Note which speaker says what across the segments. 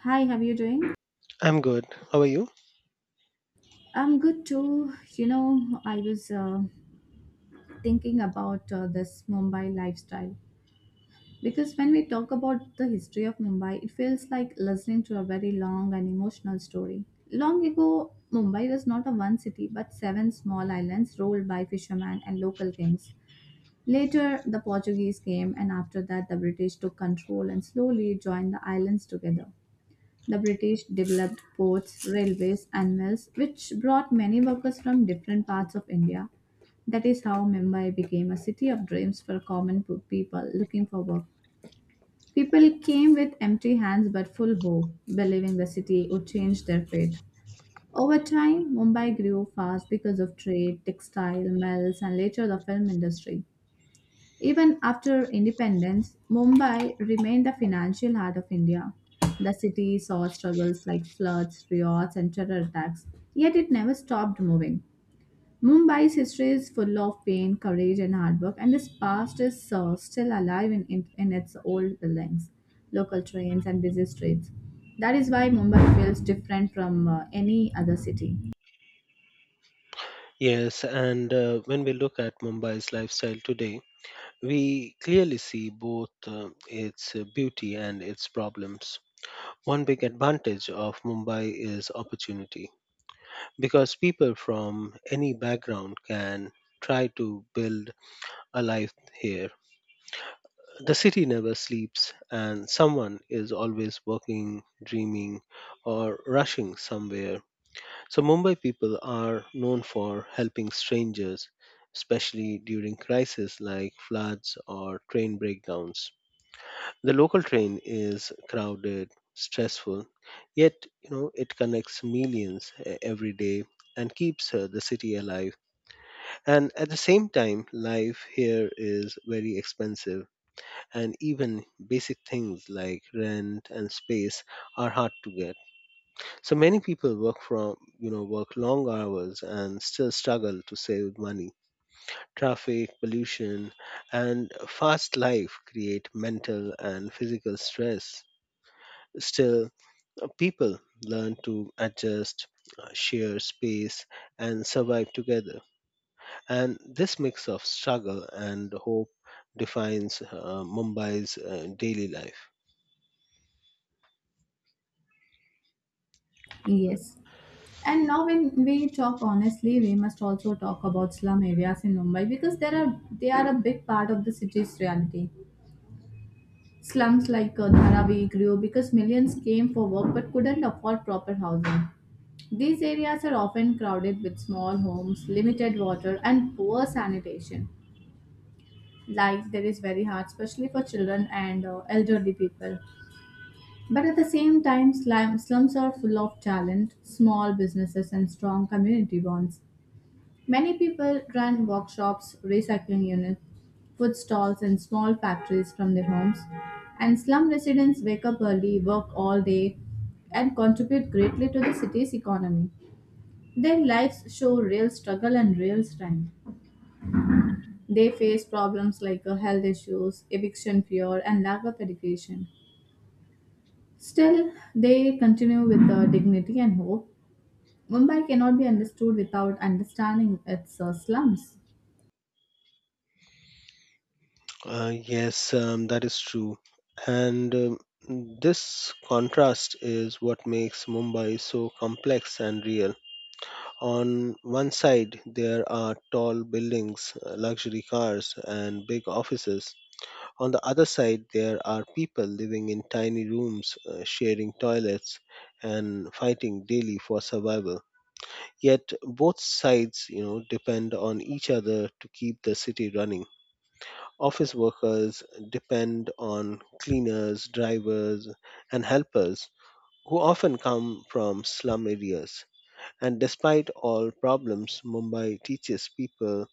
Speaker 1: Hi, how are you doing?
Speaker 2: I'm good. How are you?
Speaker 1: I'm good too. You know, I was thinking about this Mumbai lifestyle because when we talk about the history of Mumbai, it feels like listening to a very long and emotional story. Long ago, Mumbai was not a one city but seven small islands ruled by fishermen and local kings. Later, the Portuguese came, and after that, the British took control and slowly joined the islands together. The British developed ports, railways, and mills, which brought many workers from different parts of India. That is how Mumbai became a city of dreams for common people looking for work. People came with empty hands but full hope, believing the city would change their fate. Over time, Mumbai grew fast because of trade, textile, mills, and later the film industry. Even after independence, Mumbai remained the financial heart of India. The city saw struggles like floods, riots, and terror attacks, yet it never stopped moving. Mumbai's history is full of pain, courage, and hard work, and this past is still alive in its old buildings, local trains, and busy streets. That is why Mumbai feels different from any other city.
Speaker 2: Yes, and when we look at Mumbai's lifestyle today, we clearly see both its beauty and its problems. One big advantage of Mumbai is opportunity because people from any background can try to build a life here. The city never sleeps, and someone is always working, dreaming, or rushing somewhere. So, Mumbai people are known for helping strangers, especially during crises like floods or train breakdowns. The local train is crowded, stressful, yet you know it connects millions every day and keeps the city alive. And at the same time, life here is very expensive, and even basic things like rent and space are hard to get. So many people work from, you know, work long hours and still struggle to save money. Traffic, pollution, and fast life create mental and physical stress. Still, people learn to adjust, share space, and survive together. And this mix of struggle and hope defines Mumbai's daily life.
Speaker 1: Yes. And now, when we talk honestly, we must also talk about slum areas in Mumbai because there are they are a big part of the city's reality. Slums like Dharavi grew because millions came for work but couldn't afford proper housing. These areas are often crowded with small homes, limited water, and poor sanitation. Life there is very hard, especially for children and elderly people. But at the same time, slums are full of talent, small businesses, and strong community bonds. Many people run workshops, recycling units, food stalls, and small factories from their homes. And slum residents wake up early, work all day, and contribute greatly to the city's economy. Their lives show real struggle and real strength. They face problems like health issues, eviction fear, and lack of education. Still, they continue with dignity and hope. Mumbai cannot be understood without understanding its slums.
Speaker 2: Yes, that is true. And This contrast is what makes Mumbai so complex and real. On one side, there are tall buildings, luxury cars, and big offices. On the other side, there are people living in tiny rooms, sharing toilets, and fighting daily for survival. Yet both sides, you know, depend on each other to keep the city running. Office workers depend on cleaners, drivers, and helpers who often come from slum areas. And despite all problems, Mumbai teaches people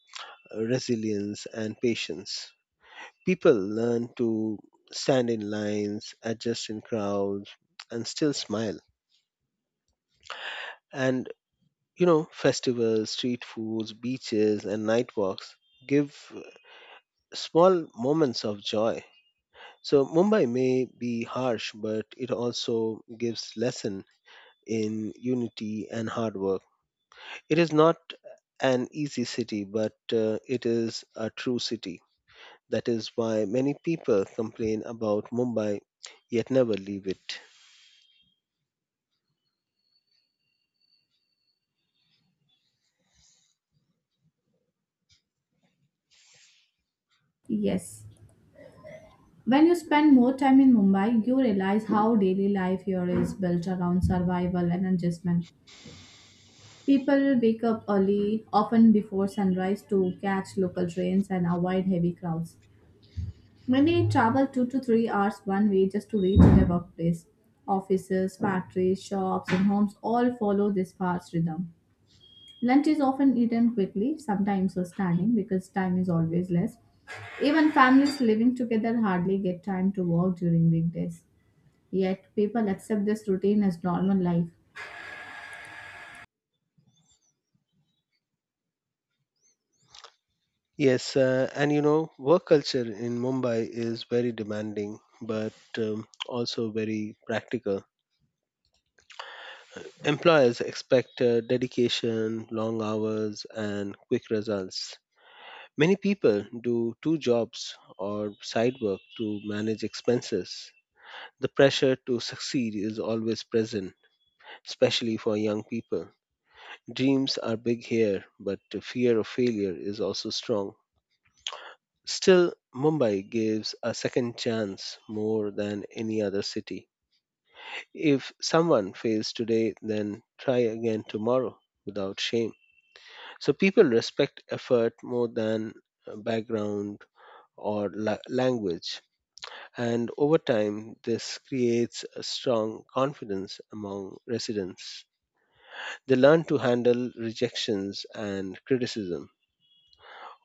Speaker 2: resilience and patience. People learn to stand in lines, adjust in crowds, and still smile. And you know, festivals, street foods, beaches, and night walks give small moments of joy. So Mumbai may be harsh, but it also gives lesson in unity and hard work. It is not an easy city, but it is a true city. That is why many people complain about Mumbai, yet never leave it.
Speaker 1: Yes. When you spend more time in Mumbai, you realize how daily life here is built around survival and adjustment. People wake up early, often before sunrise, to catch local trains and avoid heavy crowds. Many travel 2 to 3 hours one way just to reach their workplace. Offices, factories, shops, and homes all follow this fast rhythm. Lunch is often eaten quickly, sometimes standing because time is always less. Even families living together hardly get time to walk during weekdays. Yet, people accept this routine as normal life.
Speaker 2: Yes, and you know, work culture in Mumbai is very demanding, but also very practical. Employers expect dedication, long hours, and quick results. Many people do two jobs or side work to manage expenses. The pressure to succeed is always present, especially for young people. Dreams are big here, but the fear of failure is also strong. Still, Mumbai gives a second chance more than any other city. If someone fails today, then try again tomorrow without shame. So people respect effort more than background or language. And over time this creates a strong confidence among residents. They learn to handle rejections and criticism.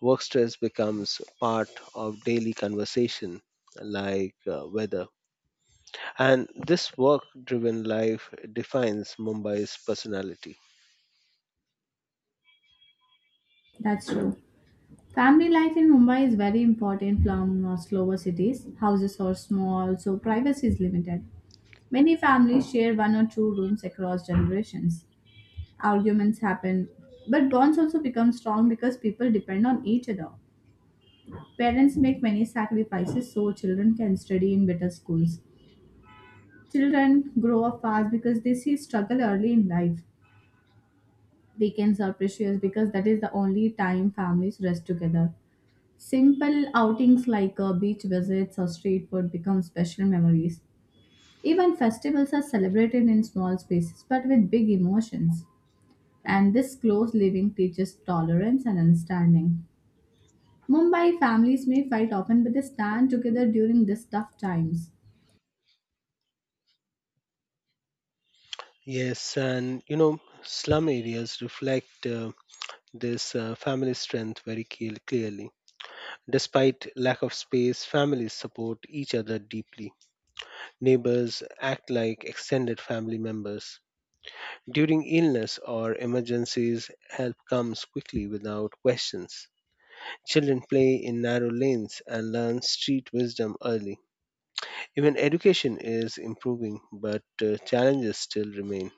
Speaker 2: Work stress becomes part of daily conversation like weather, and this work driven life defines Mumbai's personality.
Speaker 1: That's true. Family life in Mumbai is very important from slower cities. Houses are small, so privacy is limited. Many families share one or two rooms across generations. Arguments happen, but bonds also become strong because people depend on each other. Parents make many sacrifices so children can study in better schools. Children grow up fast because they see struggle early in life. Weekends are precious because that is the only time families rest together. Simple outings like beach visits or street food become special memories. Even festivals are celebrated in small spaces but with big emotions. And this close living teaches tolerance and understanding. Mumbai families may fight often but they stand together during these tough times.
Speaker 2: Yes, and you know, slum areas reflect this family strength very clearly. Despite lack of space, families support each other deeply. Neighbors act like extended family members. During illness or emergencies, help comes quickly without questions. Children play in narrow lanes and learn street wisdom early. Even education is improving, but challenges still remain.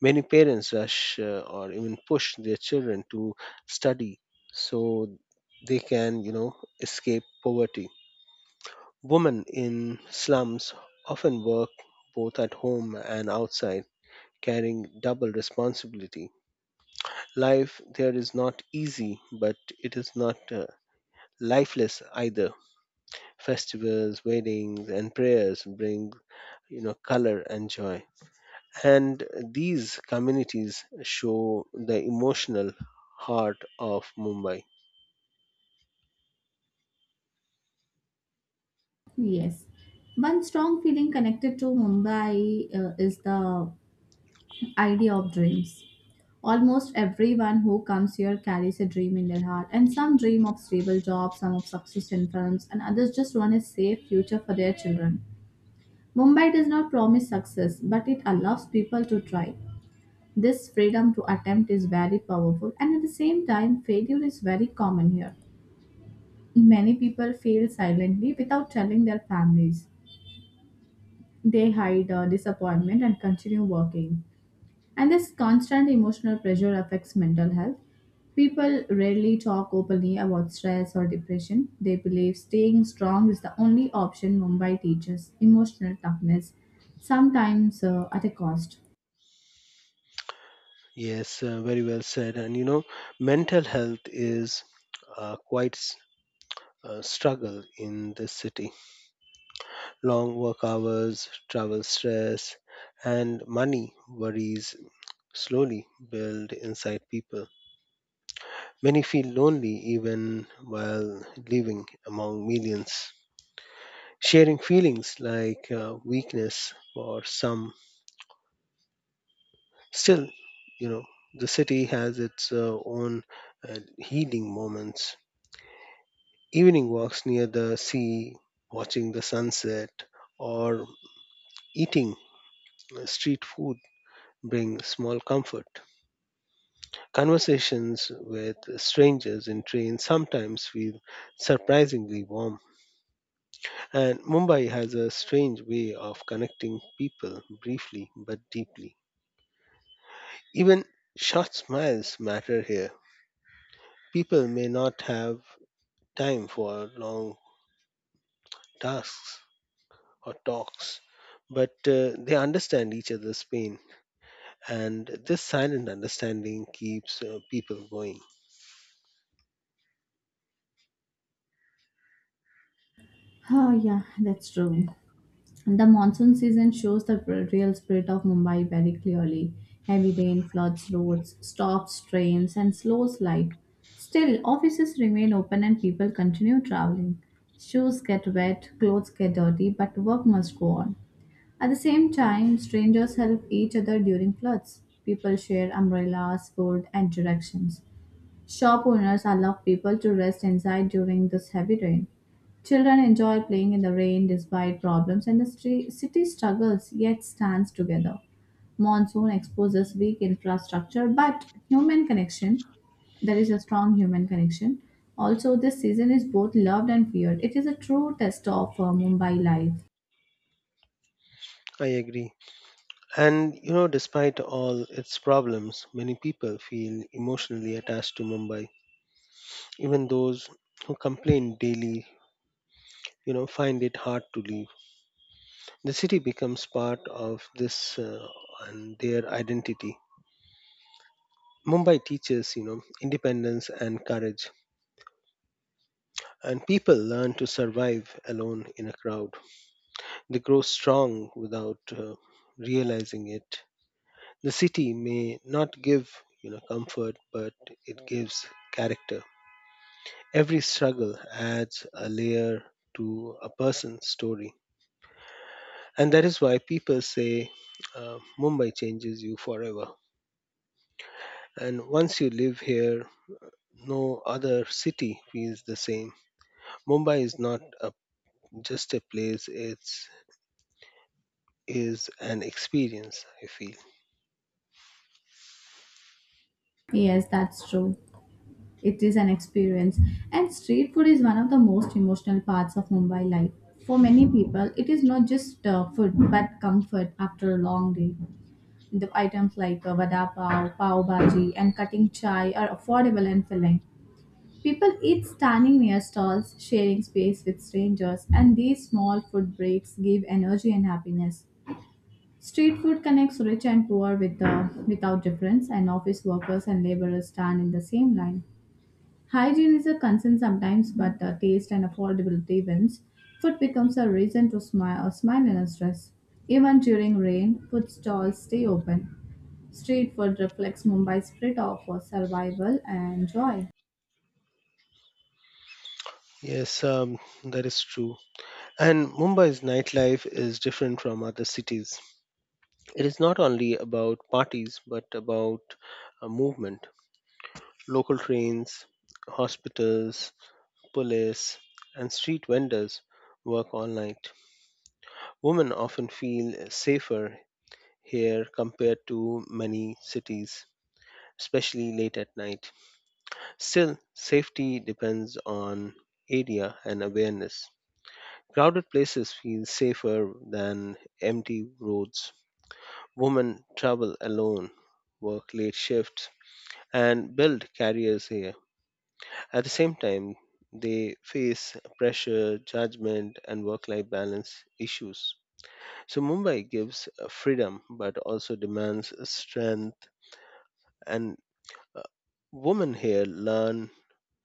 Speaker 2: Many parents rush or even push their children to study so they can, you know, escape poverty. Women in slums often work both at home and outside carrying double responsibility. Life there is not easy, but it is not lifeless either. Festivals, weddings, and prayers bring you know color and joy, and these communities show the emotional heart of Mumbai.
Speaker 1: Yes. One strong feeling connected to Mumbai is the idea of dreams. Almost everyone who comes here carries a dream in their heart, and some dream of stable jobs, some of success in films, and others just want a safe future for their children. Mumbai does not promise success, but it allows people to try. This freedom to attempt is very powerful, and at the same time, failure is very common here. Many people fail silently without telling their families. They hide disappointment and continue working. And this constant emotional pressure affects mental health. People rarely talk openly about stress or depression. They believe staying strong is the only option. Mumbai teaches emotional toughness, sometimes at a cost.
Speaker 2: Yes, very well said. And you know, mental health is quite a struggle in this city. Long work hours, travel stress, and money worries slowly build inside people. Many feel lonely even while living among millions. Sharing feelings like weakness for some. Still, you know, the city has its own healing moments. Evening walks near the sea, watching the sunset, or eating street food bring small comfort. Conversations with strangers in trains sometimes feel surprisingly warm, and Mumbai has a strange way of connecting people briefly but deeply. Even short smiles matter here. People may not have time for long tasks or talks, but they understand each other's pain, and this silent understanding keeps people going.
Speaker 1: Oh, yeah, that's true. The monsoon season shows the real spirit of Mumbai very clearly. Heavy rain floods roads, stops trains, and slows life. Still, offices remain open and people continue traveling. Shoes get wet, clothes get dirty, but work must go on. At the same time, strangers help each other during floods. People share umbrellas, food, and directions. Shop owners allow people to rest inside during this heavy rain. Children enjoy playing in the rain despite problems, and the city struggles yet stands together. Monsoon exposes weak infrastructure, but human connection, there is a strong human connection. Also, this season is both loved and feared. It is a true test of Mumbai life.
Speaker 2: I agree. And you know, despite all its problems, many people feel emotionally attached to Mumbai. Even those who complain daily, you know, find it hard to leave. The city becomes part of this and their identity. Mumbai teaches, you know, independence and courage, and people learn to survive alone in a crowd. They grow strong without realizing it. The city may not give, you know, comfort, but it gives character. Every struggle adds a layer to a person's story. And that is why people say Mumbai changes you forever. And once you live here, no other city feels the same. Mumbai is not just a place, it's is an experience, I feel.
Speaker 1: Yes, that's true. It is an experience. And street food is one of the most emotional parts of Mumbai life. For many people, it is not just food but comfort after a long day. The items like vada pav, pav bhaji, and cutting chai are affordable and filling. People eat standing near stalls, sharing space with strangers, and these small food breaks give energy and happiness. Street food connects rich and poor without difference, and office workers and laborers stand in the same line. Hygiene is a concern sometimes, but taste and affordability wins. Food becomes a reason to smile, smile and stress. Even during rain, food stalls stay open. Street food reflects Mumbai's spirit of survival and joy.
Speaker 2: Yes, that is true. And Mumbai's nightlife is different from other cities. It is not only about parties, but about a movement. Local trains, hospitals, police, and street vendors work all night. Women often feel safer here compared to many cities, especially late at night. Still, safety depends on area and awareness. Crowded places feel safer than empty roads. Women travel alone, work late shifts, and build careers here. At the same time, they face pressure, judgment, and work life balance issues. So, Mumbai gives freedom but also demands strength, and uh, women here learn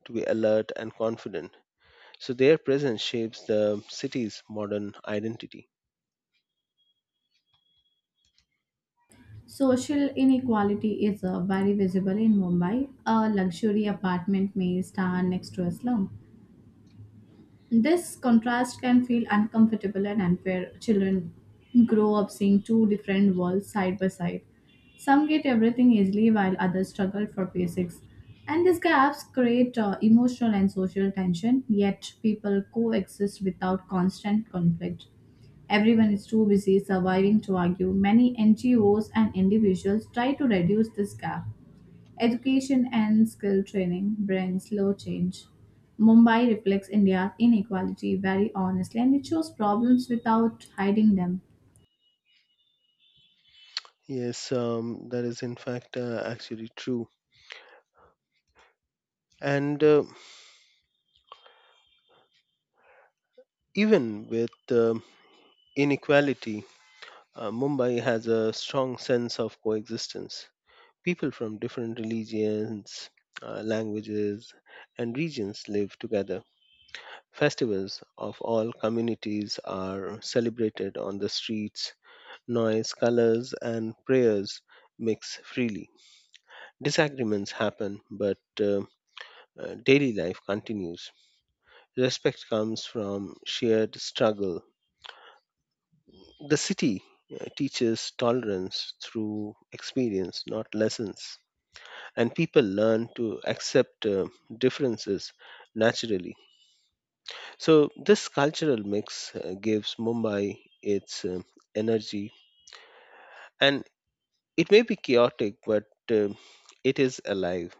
Speaker 2: to be alert and confident. So, their presence shapes the city's modern identity.
Speaker 1: Social inequality is very visible in Mumbai. A luxury apartment may stand next to a slum. This contrast can feel uncomfortable and unfair. Children grow up seeing two different worlds side by side. Some get everything easily while others struggle for basics. And these gaps create emotional and social tension, yet, people coexist without constant conflict. Everyone is too busy surviving to argue. Many NGOs and individuals try to reduce this gap. Education and skill training bring slow change. Mumbai reflects India's inequality very honestly and it shows problems without hiding them.
Speaker 2: Yes, that is in fact actually true. And Even with inequality, Mumbai has a strong sense of coexistence. People from different religions, languages, and regions live together. Festivals of all communities are celebrated on the streets. Noise, colors, and prayers mix freely. Disagreements happen, but daily life continues. Respect comes from shared struggle. The city teaches tolerance through experience, not lessons. And people learn to accept differences naturally. So, this cultural mix gives Mumbai its energy, and it may be chaotic, but uh, it is alive,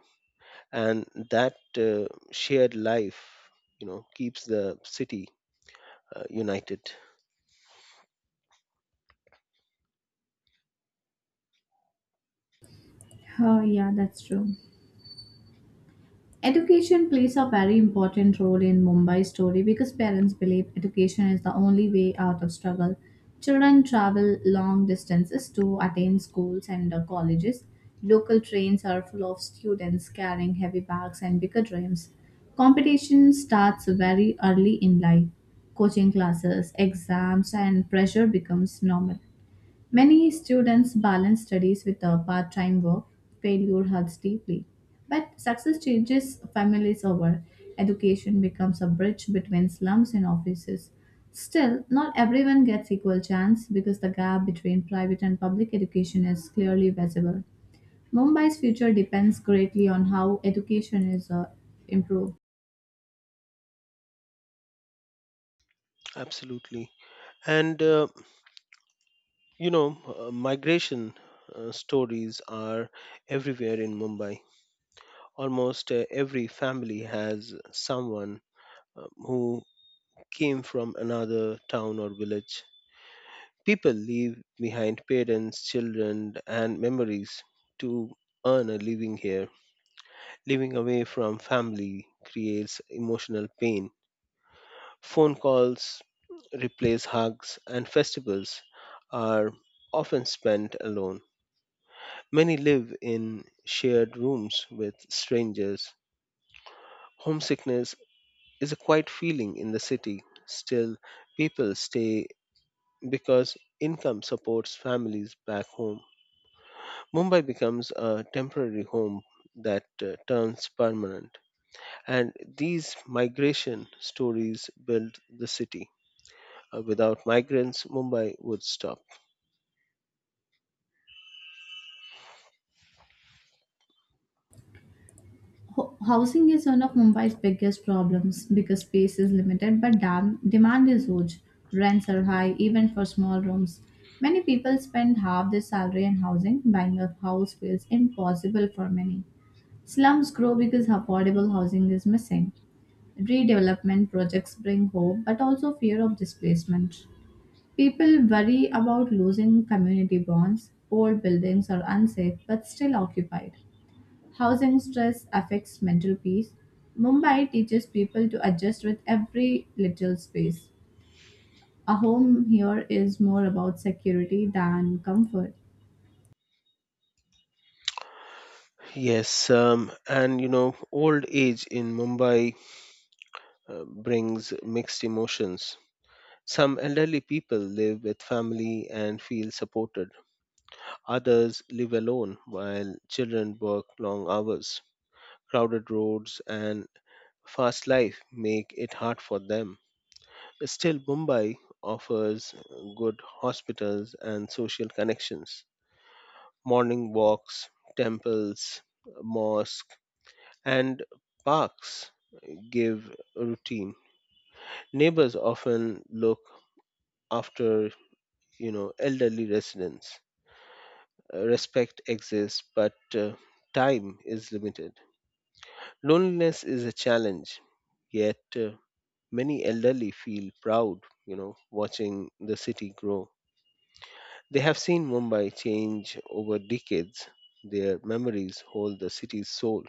Speaker 2: and that shared life, you know, keeps the city united.
Speaker 1: Oh, yeah, that's true. Education plays a very important role in Mumbai's story because parents believe education is the only way out of struggle. Children travel long distances to attend schools and colleges. Local trains are full of students carrying heavy bags and bigger dreams. Competition starts very early in life. Coaching classes, exams, and pressure becomes normal. Many students balance studies with a part time work. Failure hurts deeply. But success changes families over. Education becomes a bridge between slums and offices. Still, not everyone gets equal chance because the gap between private and public education is clearly visible. Mumbai's future depends greatly on how education is improved.
Speaker 2: Absolutely, and you know, migration. Stories are everywhere in Mumbai. Almost every family has someone who came from another town or village. People leave behind parents, children, and memories to earn a living here. Living away from family creates emotional pain. Phone calls replace hugs, and festivals are often spent alone. Many live in shared rooms with strangers. Homesickness is a quiet feeling in the city. Still, people stay because income supports families back home. Mumbai becomes a temporary home that turns permanent. And these migration stories build the city. Without migrants, Mumbai would stop.
Speaker 1: Housing is one of Mumbai's biggest problems because space is limited but demand is huge. Rents are high even for small rooms. Many people spend half their salary on housing. Buying a house feels impossible for many. Slums grow because affordable housing is missing. Redevelopment projects bring hope but also fear of displacement. People worry about losing community bonds. Old buildings are unsafe but still occupied. Housing stress affects mental peace. Mumbai teaches people to adjust with every little space. A home here is more about security than comfort.
Speaker 2: Yes, and you know, old age in Mumbai brings mixed emotions. Some elderly people live with family and feel supported. Others live alone while children work long hours. Crowded roads and fast life make it hard for them. Still, Mumbai offers good hospitals and social connections, morning walks, temples, mosques, and parks give routine. Neighbors often look after you know elderly residents. Respect exists, but time is limited. Loneliness is a challenge, yet many elderly feel proud, you know, watching the city grow. They have seen Mumbai change over decades. Their memories hold the city's soul.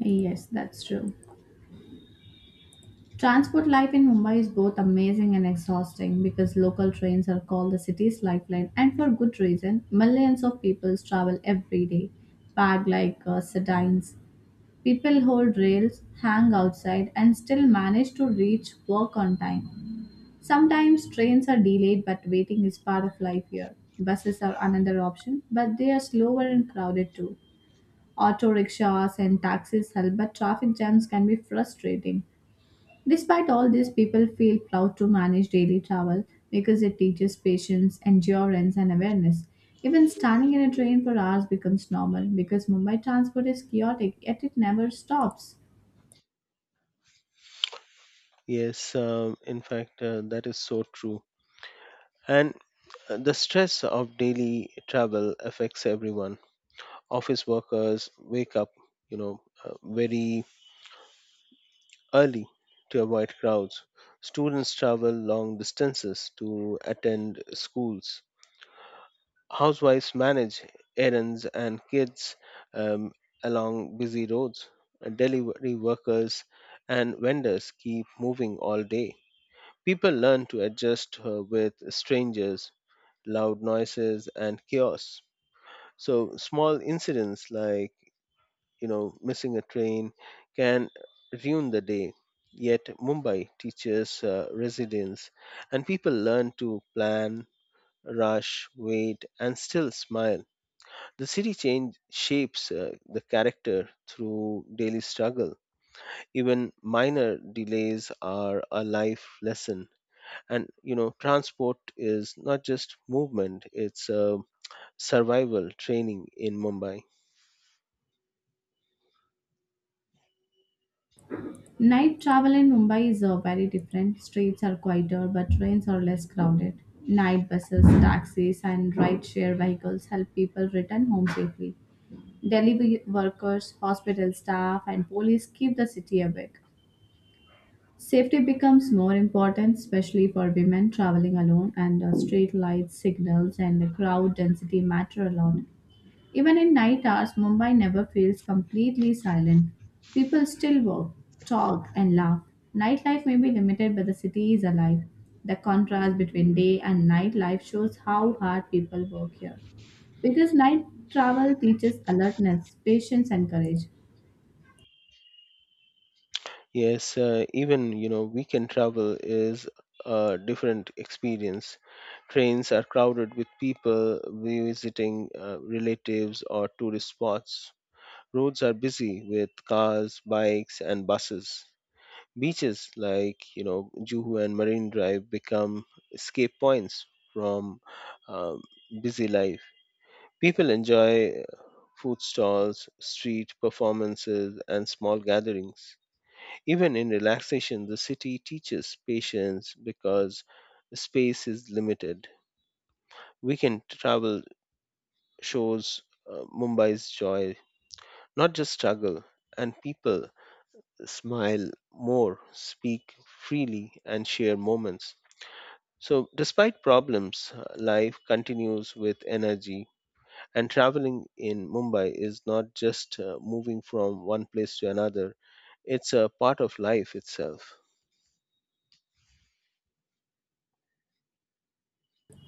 Speaker 1: Yes, that's true. Transport life in Mumbai is both amazing and exhausting because local trains are called the city's lifeline, and for good reason. Millions of people travel every day, packed like sardines. People hold rails, hang outside, and still manage to reach work on time. Sometimes trains are delayed, but waiting is part of life here. Buses are another option, but they are slower and crowded too. Auto rickshaws and taxis help, but traffic jams can be frustrating. Despite all this, people feel proud to manage daily travel because it teaches patience, endurance, and awareness. Even standing in a train for hours becomes normal because Mumbai transport is chaotic, yet it never stops.
Speaker 2: Yes, in fact, that is so true. And the stress of daily travel affects everyone. Office workers wake up, you know, very early to avoid crowds. Students travel long distances to attend schools. Housewives manage errands and kids um, along busy roads. Delivery workers and vendors keep moving all day. People learn to adjust with strangers, loud noises, and chaos. So, small incidents like you know missing a train can ruin the day. Yet, Mumbai teaches resilience, and people learn to plan, rush, wait, and still smile. The city change shapes the character through daily struggle. Even minor delays are a life lesson. And you know, transport is not just movement; it's survival training in Mumbai.
Speaker 1: Night travel in Mumbai is very different. Streets are quieter, but trains are less crowded. Night buses, taxis, and ride-share vehicles help people return home safely. Delivery workers, hospital staff, and police keep the city awake. Safety becomes more important, especially for women traveling alone, and street lights, signals, and the crowd density matter a lot. Even in night hours, Mumbai never feels completely silent. People still walk, talk, and laugh. Nightlife may be limited, but the city is alive. The contrast between day and night life shows how hard people work here. Because night travel teaches alertness, patience, and courage.
Speaker 2: Yes, even you know, weekend travel is a different experience. Trains are crowded with people visiting relatives or tourist spots. Roads are busy with cars, bikes, and buses. Beaches like you know Juhu and Marine Drive become escape points from um, busy life. People enjoy food stalls, street performances, and small gatherings. Even in relaxation, the city teaches patience because space is limited. Weekend travel shows Mumbai's joy, not just struggle, and people smile more, speak freely, and share moments. So, despite problems, life continues with energy, and traveling in Mumbai is not just moving from one place to another, it's a part of life itself.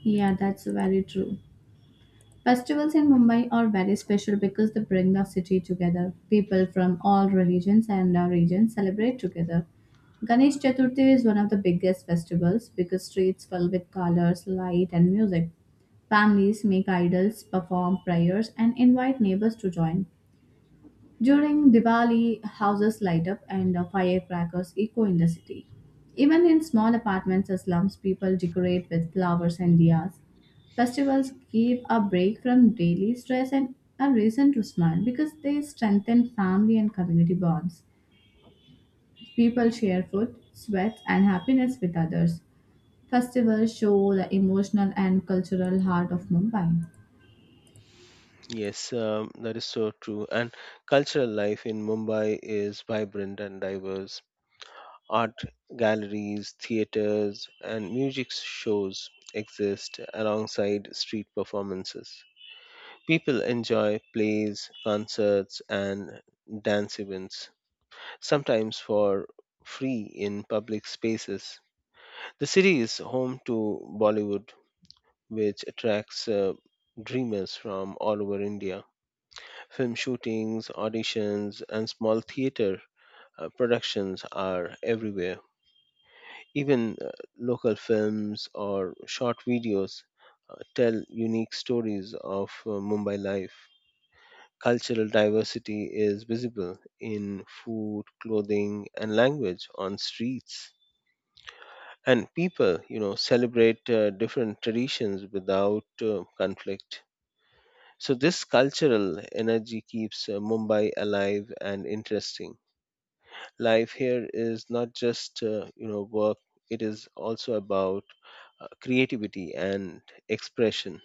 Speaker 1: Yeah, that's very true. Festivals in Mumbai are very special because they bring the city together. People from all religions and regions celebrate together. Ganesh Chaturthi is one of the biggest festivals because streets fill with colors, light, and music. Families make idols, perform prayers, and invite neighbors to join. During Diwali, houses light up and firecrackers echo in the city. Even in small apartments or slums, people decorate with flowers and diyas. Festivals give a break from daily stress and a reason to smile because they strengthen family and community bonds. People share food, sweats, and happiness with others. Festivals show the emotional and cultural heart of Mumbai.
Speaker 2: Yes, that is so true. And cultural life in Mumbai is vibrant and diverse. Art galleries, theaters, and music shows exist alongside street performances. People enjoy plays, concerts, and dance events sometimes for free in public spaces. The city is home to Bollywood, which attracts dreamers from all over India. Film shootings, auditions, and small theater productions are everywhere. Even local films or short videos tell unique stories of Mumbai life. Cultural diversity is visible in food, clothing, and language on streets. And people celebrate different traditions without conflict. So this cultural energy keeps Mumbai alive and interesting. Life here is not just work, it is also about creativity and expression.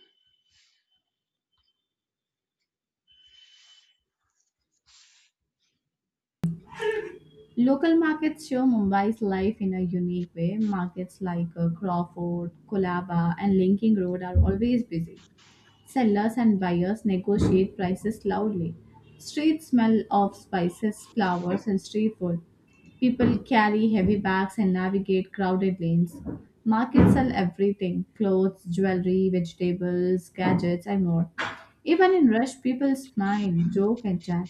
Speaker 1: Local markets show Mumbai's life in a unique way. Markets like Crawford, Kolaba, and Linking Road are always busy. Sellers and buyers negotiate prices loudly. Streets smell of spices, flowers, and street food. People carry heavy bags and navigate crowded lanes. Markets sell everything clothes, jewelry, vegetables, gadgets, and more. Even in rush, people smile, joke, and chat.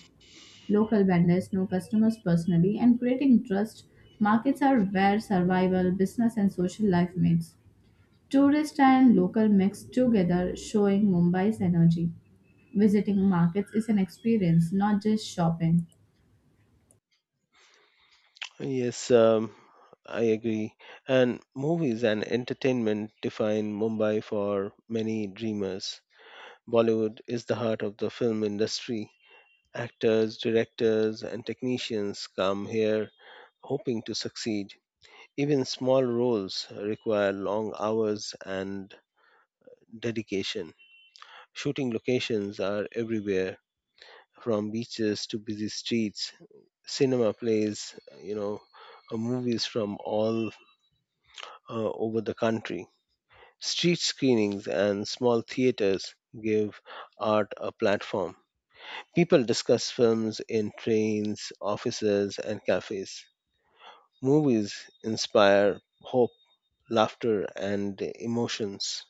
Speaker 1: Local vendors know customers personally, and creating trust, markets are where survival, business, and social life meets. Tourist and local mix together, showing Mumbai's energy. Visiting markets is an experience, not just shopping.
Speaker 2: Yes, I agree. And movies and entertainment define Mumbai for many dreamers. Bollywood is the heart of the film industry. Actors, directors, and technicians come here hoping to succeed. Even small roles require long hours and dedication. Shooting locations are everywhere, from beaches to busy streets. Cinema plays, you know, movies from all over the country. Street screenings and small theaters give art a platform. People discuss films in trains, offices, and cafes. Movies inspire hope, laughter, and emotions.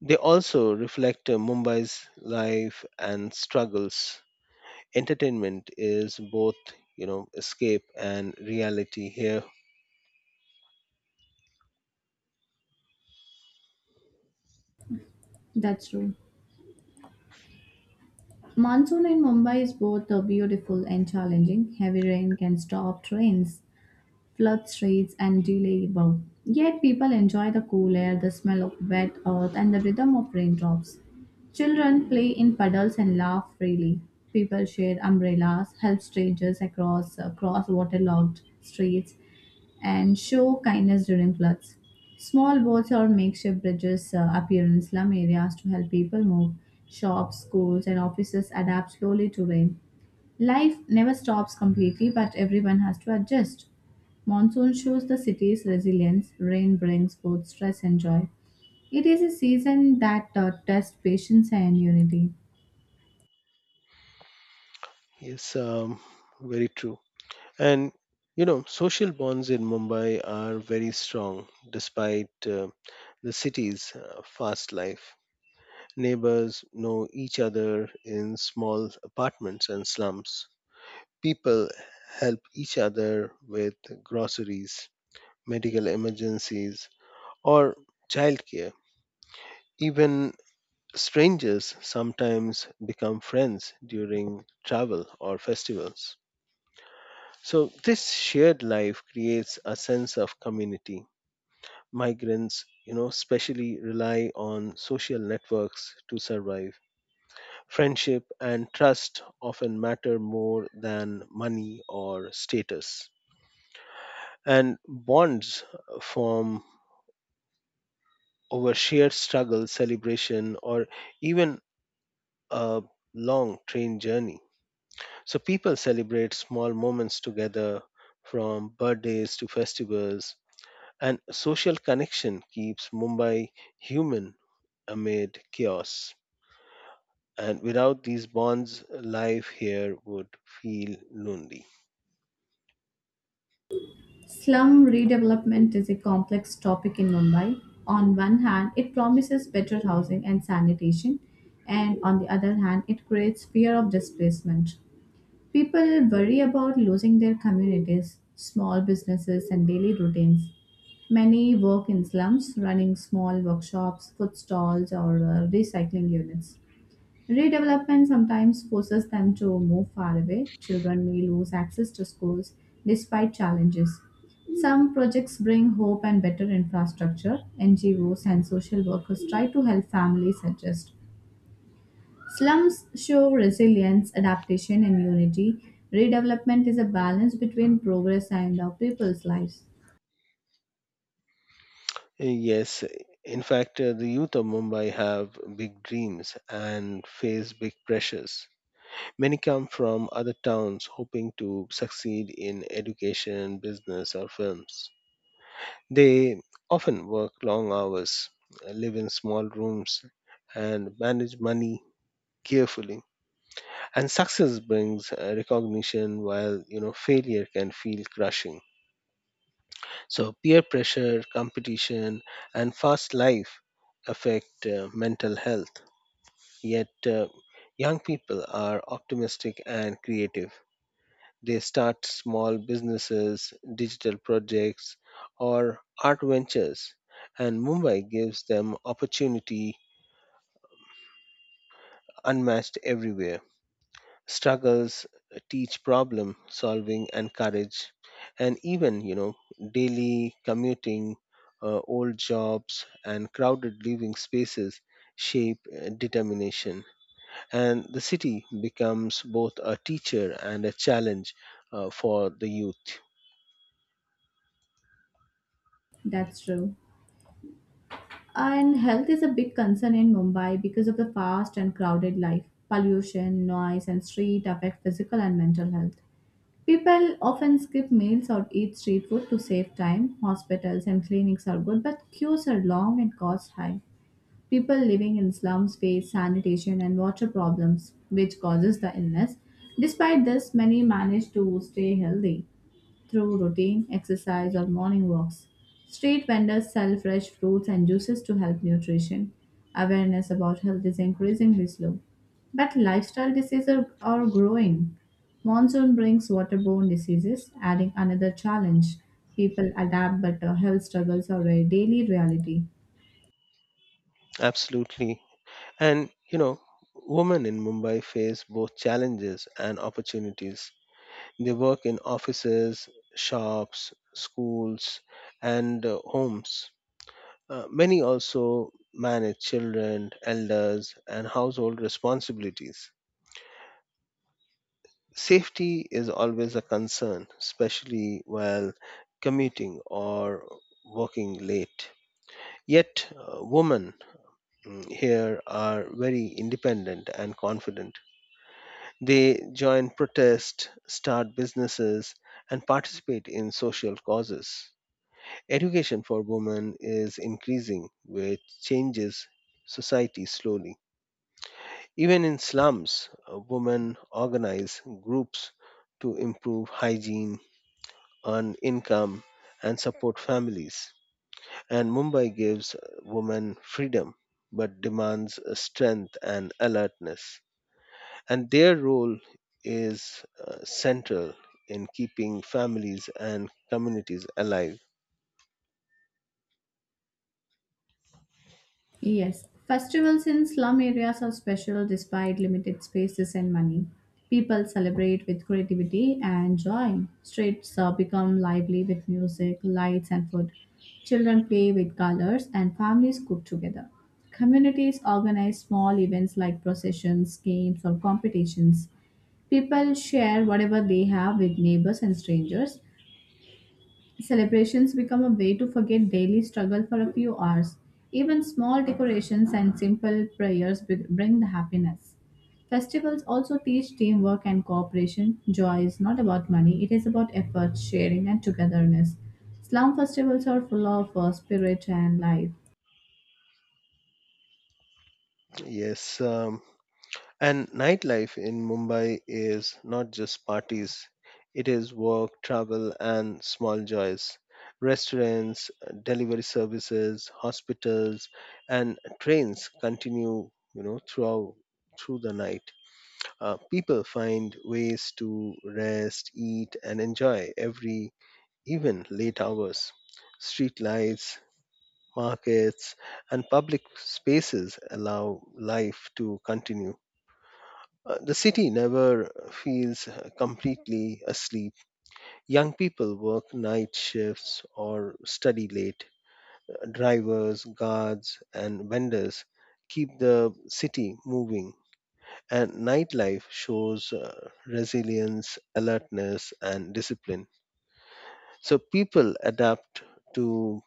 Speaker 2: They also reflect Mumbai's life and struggles. Entertainment is both, you know, escape and reality here.
Speaker 1: That's true. Monsoon in Mumbai is both beautiful and challenging. Heavy rain can stop trains, flood streets, and delayable. Yet people enjoy the cool air, the smell of wet earth, and the rhythm of raindrops. Children play in puddles and laugh freely. People share umbrellas, help strangers across cross waterlogged streets, and show kindness during floods. Small boats or makeshift bridges appear in slum areas to help people move. Shops, schools, and offices adapt slowly to rain. Life never stops completely, but everyone has to adjust. Monsoon shows the city's resilience, rain brings both stress and joy. It is a season that tests patience and unity.
Speaker 2: Yes, very true. And you know, social bonds in Mumbai are very strong despite the city's fast life. Neighbors know each other in small apartments and slums. People help each other with groceries, medical emergencies, or childcare. Even strangers sometimes become friends during travel or festivals. So this shared life creates a sense of community. Migrants, you know, especially rely on social networks to survive. Friendship and trust often matter more than money or status. And bonds form over shared struggle, celebration, or even a long train journey. So people celebrate small moments together, from birthdays to festivals, and social connection keeps Mumbai human amid chaos. And without these bonds, life here would feel lonely.
Speaker 1: Slum redevelopment is a complex topic in Mumbai. On one hand, it promises better housing and sanitation, and on the other hand, it creates fear of displacement. People worry about losing their communities, small businesses, and daily routines. Many work in slums, running small workshops, food stalls, or recycling units. Redevelopment sometimes forces them to move far away. Children may lose access to schools despite challenges. Some projects bring hope and better infrastructure. NGOs and social workers try to help families adjust. Slums show resilience, adaptation, and unity. Redevelopment is a balance between progress and our people's lives.
Speaker 2: Yes, in fact, the youth of Mumbai have big dreams and face big pressures. Many come from other towns hoping to succeed in education, business, or films. They often work long hours, live in small rooms, and manage money carefully. And success brings recognition, while failure can feel crushing. So peer pressure, competition, and fast life affect mental health. Yet young people are optimistic and creative. They start small businesses, digital projects, or art ventures, and Mumbai gives them opportunity unmatched everywhere. Struggles teach problem solving and courage, and even, you know, daily commuting, old jobs, and crowded living spaces shape determination. And the city becomes both a teacher and a challenge for the youth.
Speaker 1: That's true. And health is a big concern in Mumbai because of the fast and crowded life. Pollution, noise, and street affect physical and mental health. People often skip meals or eat street food to save time. Hospitals and clinics are good, but queues are long and costs high. People living in slums face sanitation and water problems, which causes the illness. Despite this, many manage to stay healthy through routine exercise or morning walks. Street vendors sell fresh fruits and juices to help nutrition. Awareness about health is increasingly slow, but lifestyle diseases are growing. Monsoon brings waterborne diseases, adding another challenge. People adapt, but health struggles are a daily reality.
Speaker 2: Absolutely. And you know, women in Mumbai face both challenges and opportunities. They work in offices, shops, schools, and homes. Many also manage children, elders, and household responsibilities. Safety is always a concern, especially while commuting or working late. Yet, women here are very independent and confident. They join protests, start businesses, and participate in social causes. Education for women is increasing, which changes society slowly. Even in slums, women organize groups to improve hygiene, earn income, and support families. And Mumbai gives women freedom but demands strength and alertness. And their role is central in keeping families and communities alive.
Speaker 1: Yes, festivals in slum areas are special despite limited spaces and money. People celebrate with creativity and joy. Streets become lively with music, lights, and food. Children play with colors, and families cook together. Communities organize small events like processions, games, or competitions. People share whatever they have with neighbors and strangers. Celebrations become a way to forget daily struggle for a few hours. Even small decorations and simple prayers bring the happiness. Festivals also teach teamwork and cooperation. Joy is not about money, it is about effort, sharing, and togetherness. Slum festivals are full of spirit and life.
Speaker 2: Yes, and nightlife in Mumbai is not just parties, it is work, travel, and small joys. Restaurants, delivery services, hospitals, and trains continue, you know, through the night. People find ways to rest, eat, and enjoy every. Even late hours, streetlights, markets, and public spaces allow life to continue. The city never feels completely asleep. Young people work night shifts or study late. Drivers, guards, and vendors keep the city moving, and nightlife shows resilience, alertness, and discipline. So people adapt to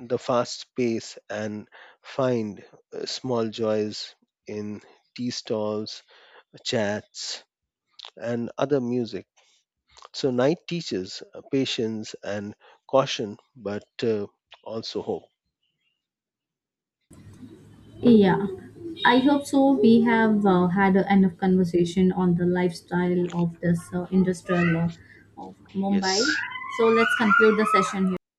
Speaker 2: the fast pace and find small joys in tea stalls, chats, and other music. So, night teaches patience and caution, but also hope.
Speaker 1: Yeah, I hope so. We have had enough conversation on the lifestyle of this industrial of Mumbai.
Speaker 2: Yes.
Speaker 1: So let's conclude the session here.